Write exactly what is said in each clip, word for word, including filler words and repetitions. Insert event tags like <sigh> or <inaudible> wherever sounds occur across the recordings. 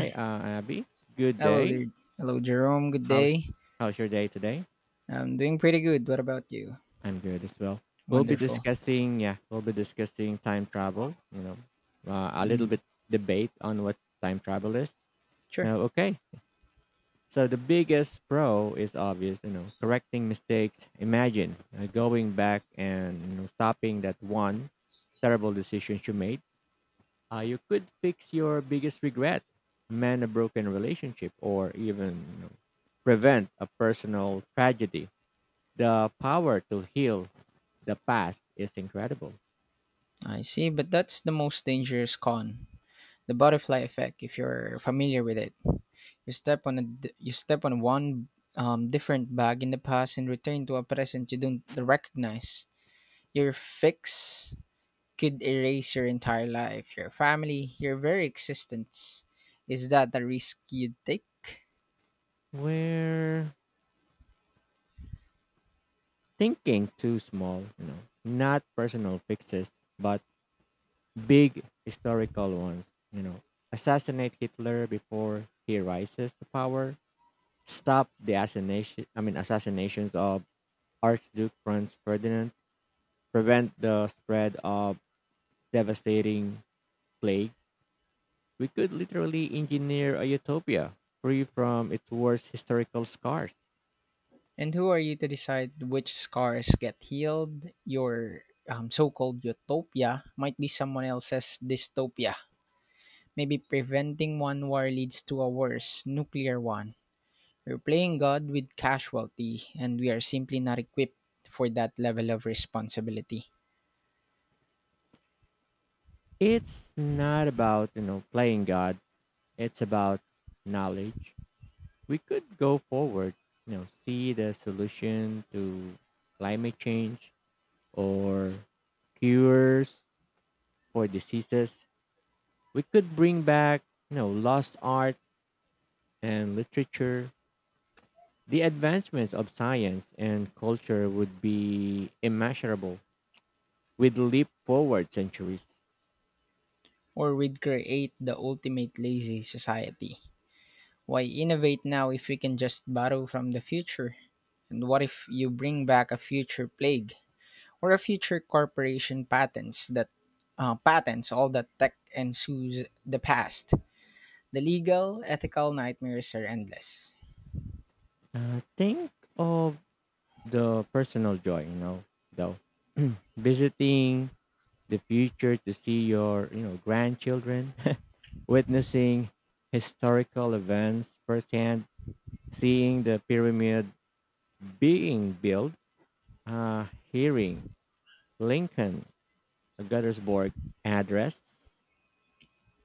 Hi, uh, Abby. Good Hello day. there. Hello, Jerome. Good How's day. how's your day today? I'm doing pretty good. What about you? I'm good as well. We'll be Wonderful. discussing, yeah, we'll be discussing time travel. You know, uh, a little Mm, bit debate on what time travel is. sure. Now, okay. So the biggest pro is obvious, you know, correcting mistakes. Imagine uh, going back and you know, stopping that one terrible decision you made. Uh, you could fix your biggest regret, mend a broken relationship, or even you know, prevent a personal tragedy. The power to heal the past is incredible. I see, but that's the most dangerous con. The butterfly effect, if you're familiar with it. You step on a d- you step on one um, different bag in the past and return to a present you don't recognize. Your fix could erase your entire life, your family, your very existence. Is that a risk you'd take? We're thinking too small, you know, not personal fixes, but big historical ones. You know, assassinate Hitler before he rises to power. Stop the assassination. I mean, assassinations of Archduke Franz Ferdinand, prevent the spread of devastating plagues, we could literally engineer a utopia free from its worst historical scars. And who are you to decide which scars get healed? Your um, so called utopia might be someone else's dystopia. Maybe preventing one war leads to a worse, nuclear one. We're playing God with casualty, and we are simply not equipped for that level of responsibility. It's not about, you know, playing God. It's about knowledge. We could go forward, you know, see the solution to climate change or cures for diseases. We could bring back, you know, lost art and literature. The advancements of science and culture would be immeasurable. With leap forward centuries. Or we'd create the ultimate lazy society. Why innovate now if we can just borrow from the future? And what if you bring back a future plague, or a future corporation patents that uh, patents all that tech ensues the past? The legal, ethical nightmares are endless. Uh, think of the personal joy, you know, though. <clears throat> Visiting the future to see your, you know, grandchildren, <laughs> witnessing historical events firsthand, seeing the pyramid being built, uh, hearing Lincoln Guttersburg address,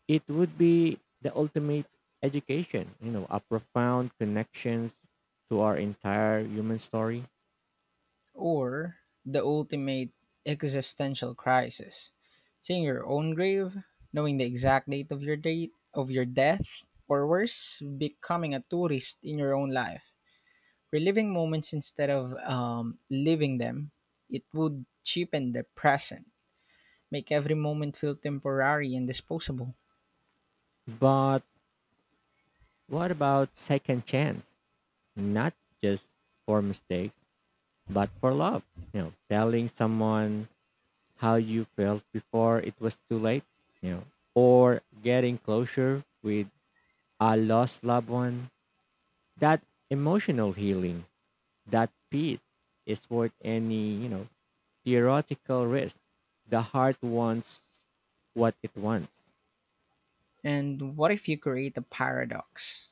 it would be the ultimate education, you know, a profound connections to our entire human story. Or the ultimate existential crisis: seeing your own grave, knowing the exact date of your date of your death, or worse, becoming a tourist in your own life, reliving moments instead of um, living them. It would cheapen the present, make every moment feel temporary and disposable. But what about second chance? Not just for mistakes, but for love. You know, telling someone how you felt before it was too late, you know, or getting closure with a lost loved one. That emotional healing, that peace is worth any, you know, theoretical risk. The heart wants what it wants. And what if you create a paradox?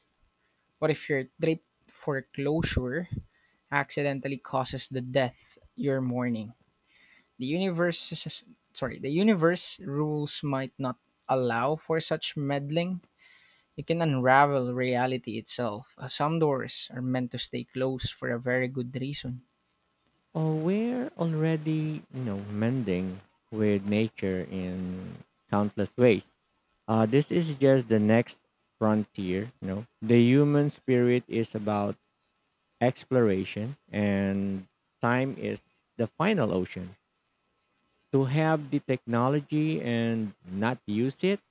What if your trip foreclosure accidentally causes the death you're mourning? The universe, sorry, the universe rules might not allow for such meddling. You can unravel reality itself. Uh, Some doors are meant to stay closed for a very good reason. Oh, we're already, you know, mending with nature in countless ways. Uh, this is just the next frontier. You know, the human spirit is about exploration, and time is the final ocean. To have the technology and not use it,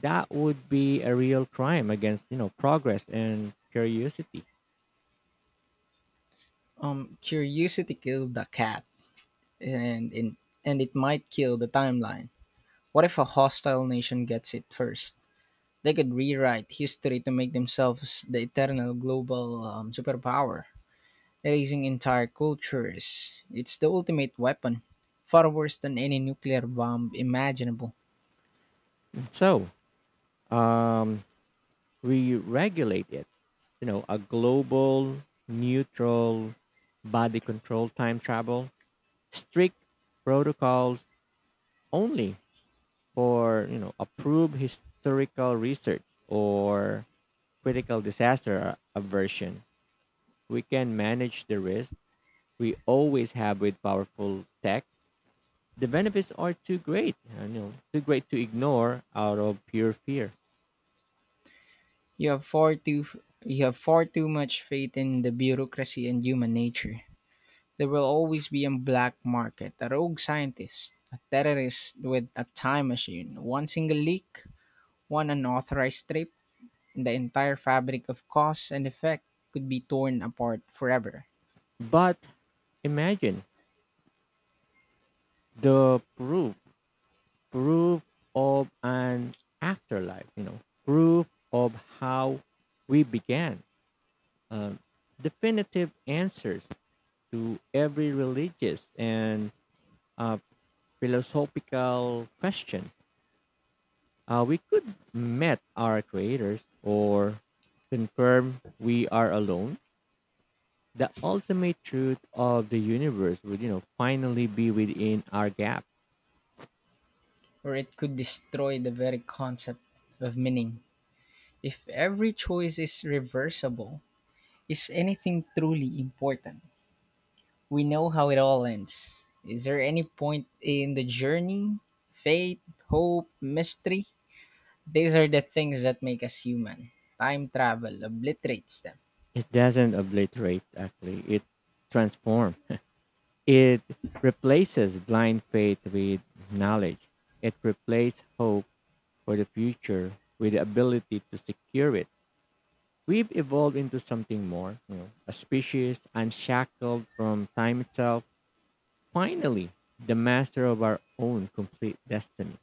that would be a real crime against, you know, progress and curiosity. Um, curiosity killed the cat, and in, and it might kill the timeline. What if a hostile nation gets it first? They could rewrite history to make themselves the eternal global um, superpower, erasing entire cultures. It's the ultimate weapon, far worse than any nuclear bomb imaginable. So, um, we regulate it. You know, a global, neutral, body control time travel, strict protocols only for, you know, approved historical research or critical disaster aversion. We can manage the risk we always have with powerful tech. The benefits are too great, you know, too great to ignore out of pure fear. You have far too you have far too much faith in the bureaucracy and human nature. There will always be a black market, a rogue scientist, a terrorist with a time machine, one single leak, one unauthorized trip, and the entire fabric of cause and effect could be torn apart forever. But imagine the proof proof of an afterlife, you know, proof of how we began, uh, definitive answers to every religious and uh, philosophical question. Uh, we could met our creators or confirm we are alone. The ultimate truth of the universe would, you know, finally be within our gap. Or it could destroy the very concept of meaning. If every choice is reversible, is anything truly important? We know how it all ends. Is there any point in the journey? Faith, hope, mystery? These are the things that make us human. Time travel obliterates them. It doesn't obliterate, actually. It transforms. It replaces blind faith with knowledge. It replaces hope for the future with the ability to secure it. We've evolved into something more, you know, a species unshackled from time itself. Finally, the master of our own complete destiny.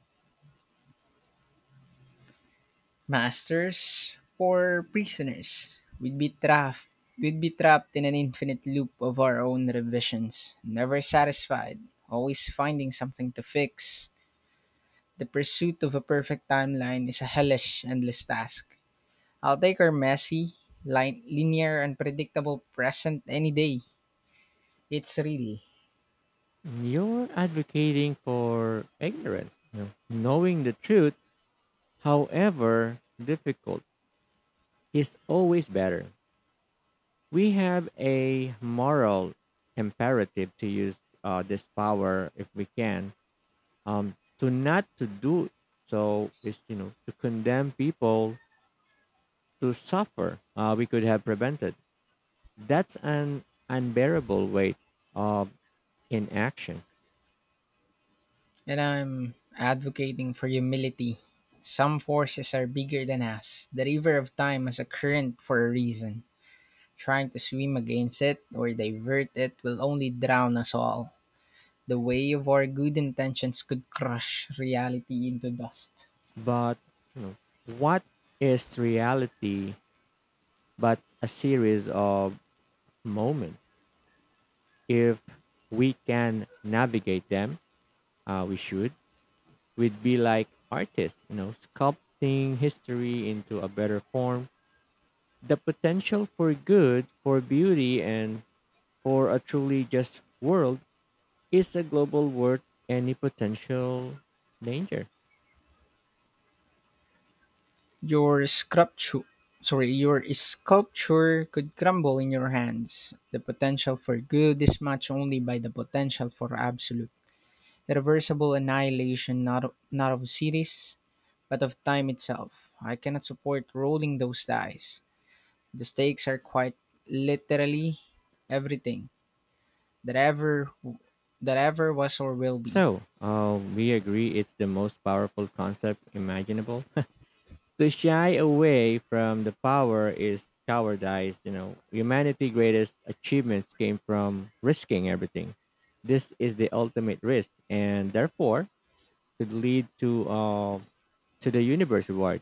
Masters for prisoners. We'd be trapped. We'd be trapped in an infinite loop of our own revisions, never satisfied, always finding something to fix. The pursuit of a perfect timeline is a hellish, endless task. I'll take our messy, line, linear, and predictable present any day. It's real. You're advocating for ignorance, you know, knowing the truth, however difficult, is always better. We have a moral imperative to use uh, this power if we can. Um, to not to do so is you know to condemn people to suffer uh, we could have prevented. That's an unbearable weight of inaction. And I'm advocating for humility. Some forces are bigger than us. The river of time has a current for a reason. Trying to swim against it or divert it will only drown us all. The weight of our good intentions could crush reality into dust. But you know what is reality but a series of moments. If we can navigate them, uh, we should we'd be like artists, you know, sculpting history into a better form. The potential for good, for beauty, and for a truly just world is a global worth any potential danger. Your sculpture, sorry, your sculpture could crumble in your hands. The potential for good is matched only by the potential for absolute, irreversible annihilation not, of, not of cities, but of time itself. I cannot support rolling those dice. The stakes are quite literally everything. that ever that ever was or will be. So, um, we agree it's the most powerful concept imaginable. <laughs> To shy away from the power is cowardice. You know, humanity's greatest achievements came from risking everything. This is the ultimate risk, and therefore, could lead to uh, to the universe reward.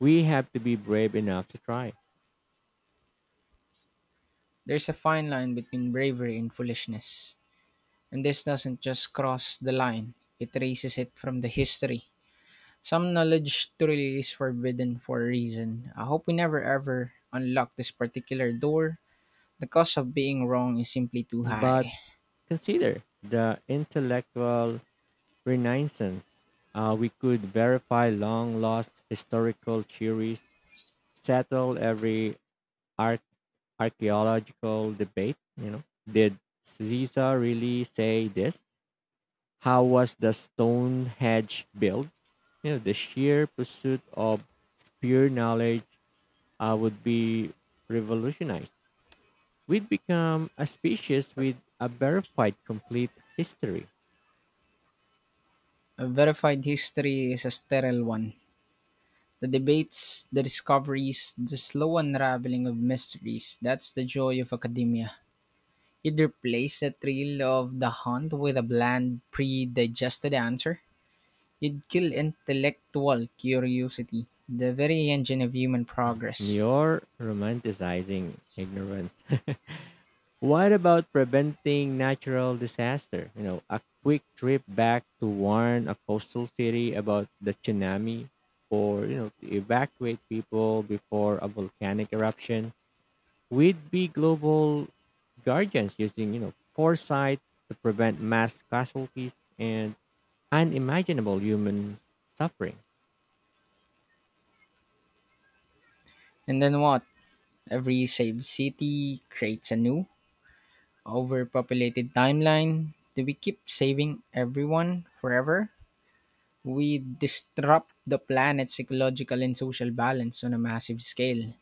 We have to be brave enough to try. There's a fine line between bravery and foolishness. And this doesn't just cross the line, it erases it from the history. Some knowledge truly is forbidden for a reason. I hope we never ever unlock this particular door. The cost of being wrong is simply too But high. consider the intellectual renaissance. Uh, we could verify long lost historical theories, settle every arch- archaeological debate. You know, did Caesar really say this? How was the Stonehenge built? You know, the sheer pursuit of pure knowledge uh, would be revolutionized. We'd become a species with a verified complete history. A verified history is a sterile one. The debates, the discoveries, the slow unraveling of mysteries, that's the joy of academia. It replaced the thrill of the hunt with a bland, pre-digested answer. It killed intellectual curiosity, the very engine of human progress. You're romanticizing ignorance. <laughs> What about preventing natural disaster? You know, a quick trip back to warn a coastal city about the tsunami or, you know, to evacuate people before a volcanic eruption. We'd be global guardians using, you know, foresight to prevent mass casualties and unimaginable human suffering. And then what? Every saved city creates a new, overpopulated timeline. Do we keep saving everyone forever? We disrupt the planet's ecological and social balance on a massive scale.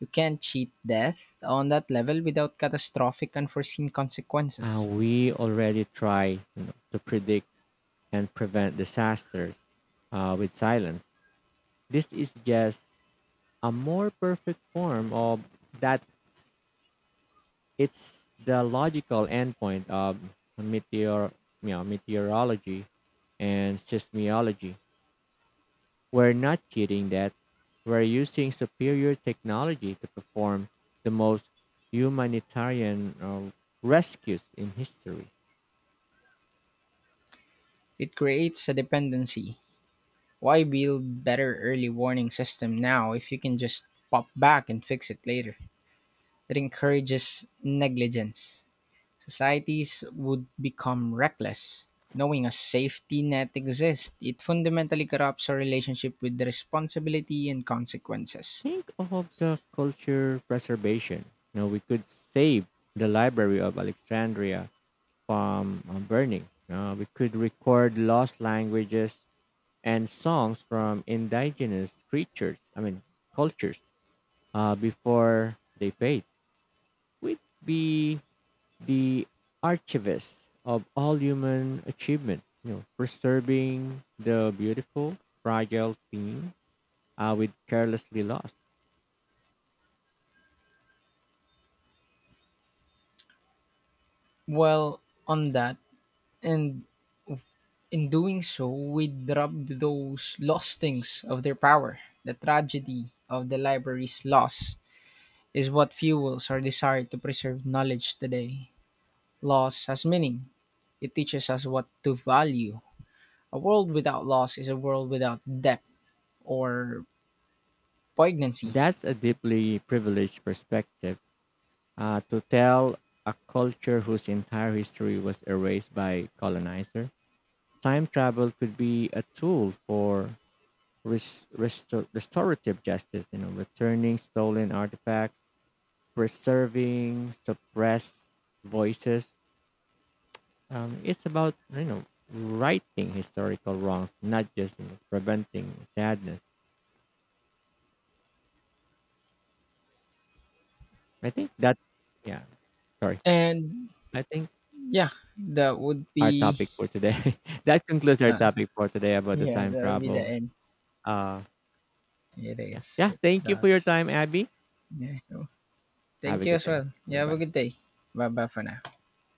You can't cheat death on that level without catastrophic unforeseen Uh, consequences. We already try you know, to predict and prevent disasters uh, with silence. This is just a more perfect form of that. It's the logical endpoint of meteor, you know, meteorology and seismology. We're not cheating that. We're using superior technology to perform the most humanitarian uh, rescues in history. It creates a dependency. Why build better early warning system now if you can just pop back and fix it later? It encourages negligence. Societies would become reckless. Knowing a safety net exists, it fundamentally corrupts our relationship with the responsibility and consequences. Think of the culture preservation. You know, we could save the Library of Alexandria from um, burning. Uh, we could record lost languages and songs from indigenous creatures, I mean, cultures, uh, before they fade. We'd be the archivist of all human achievement, you know, preserving the beautiful, fragile thing uh, we carelessly lost. Well, on that, and in doing so, we rob those lost things of their power. The tragedy of the library's loss is what fuels our desire to preserve knowledge today. Loss has meaning. It teaches us what to value. A world without loss is a world without depth or poignancy. That's a deeply privileged perspective uh, to tell a culture whose entire history was erased by colonizer. Time travel could be a tool for res- restor- restorative justice, you know, returning stolen artifacts, preserving suppressed voices. Um, it's about you know righting historical wrongs, not just you know, preventing sadness. I think that yeah, sorry. And I think yeah, that would our be topic for today. <laughs> That concludes our uh, topic for today <laughs> about the yeah, time that would be the travel. end. Uh, It yeah, is. yeah. It Thank you for your does. time, Abby. Yeah. So, Have thank a you good as day. well. You Bye have a bye. good day. Bye bye for now.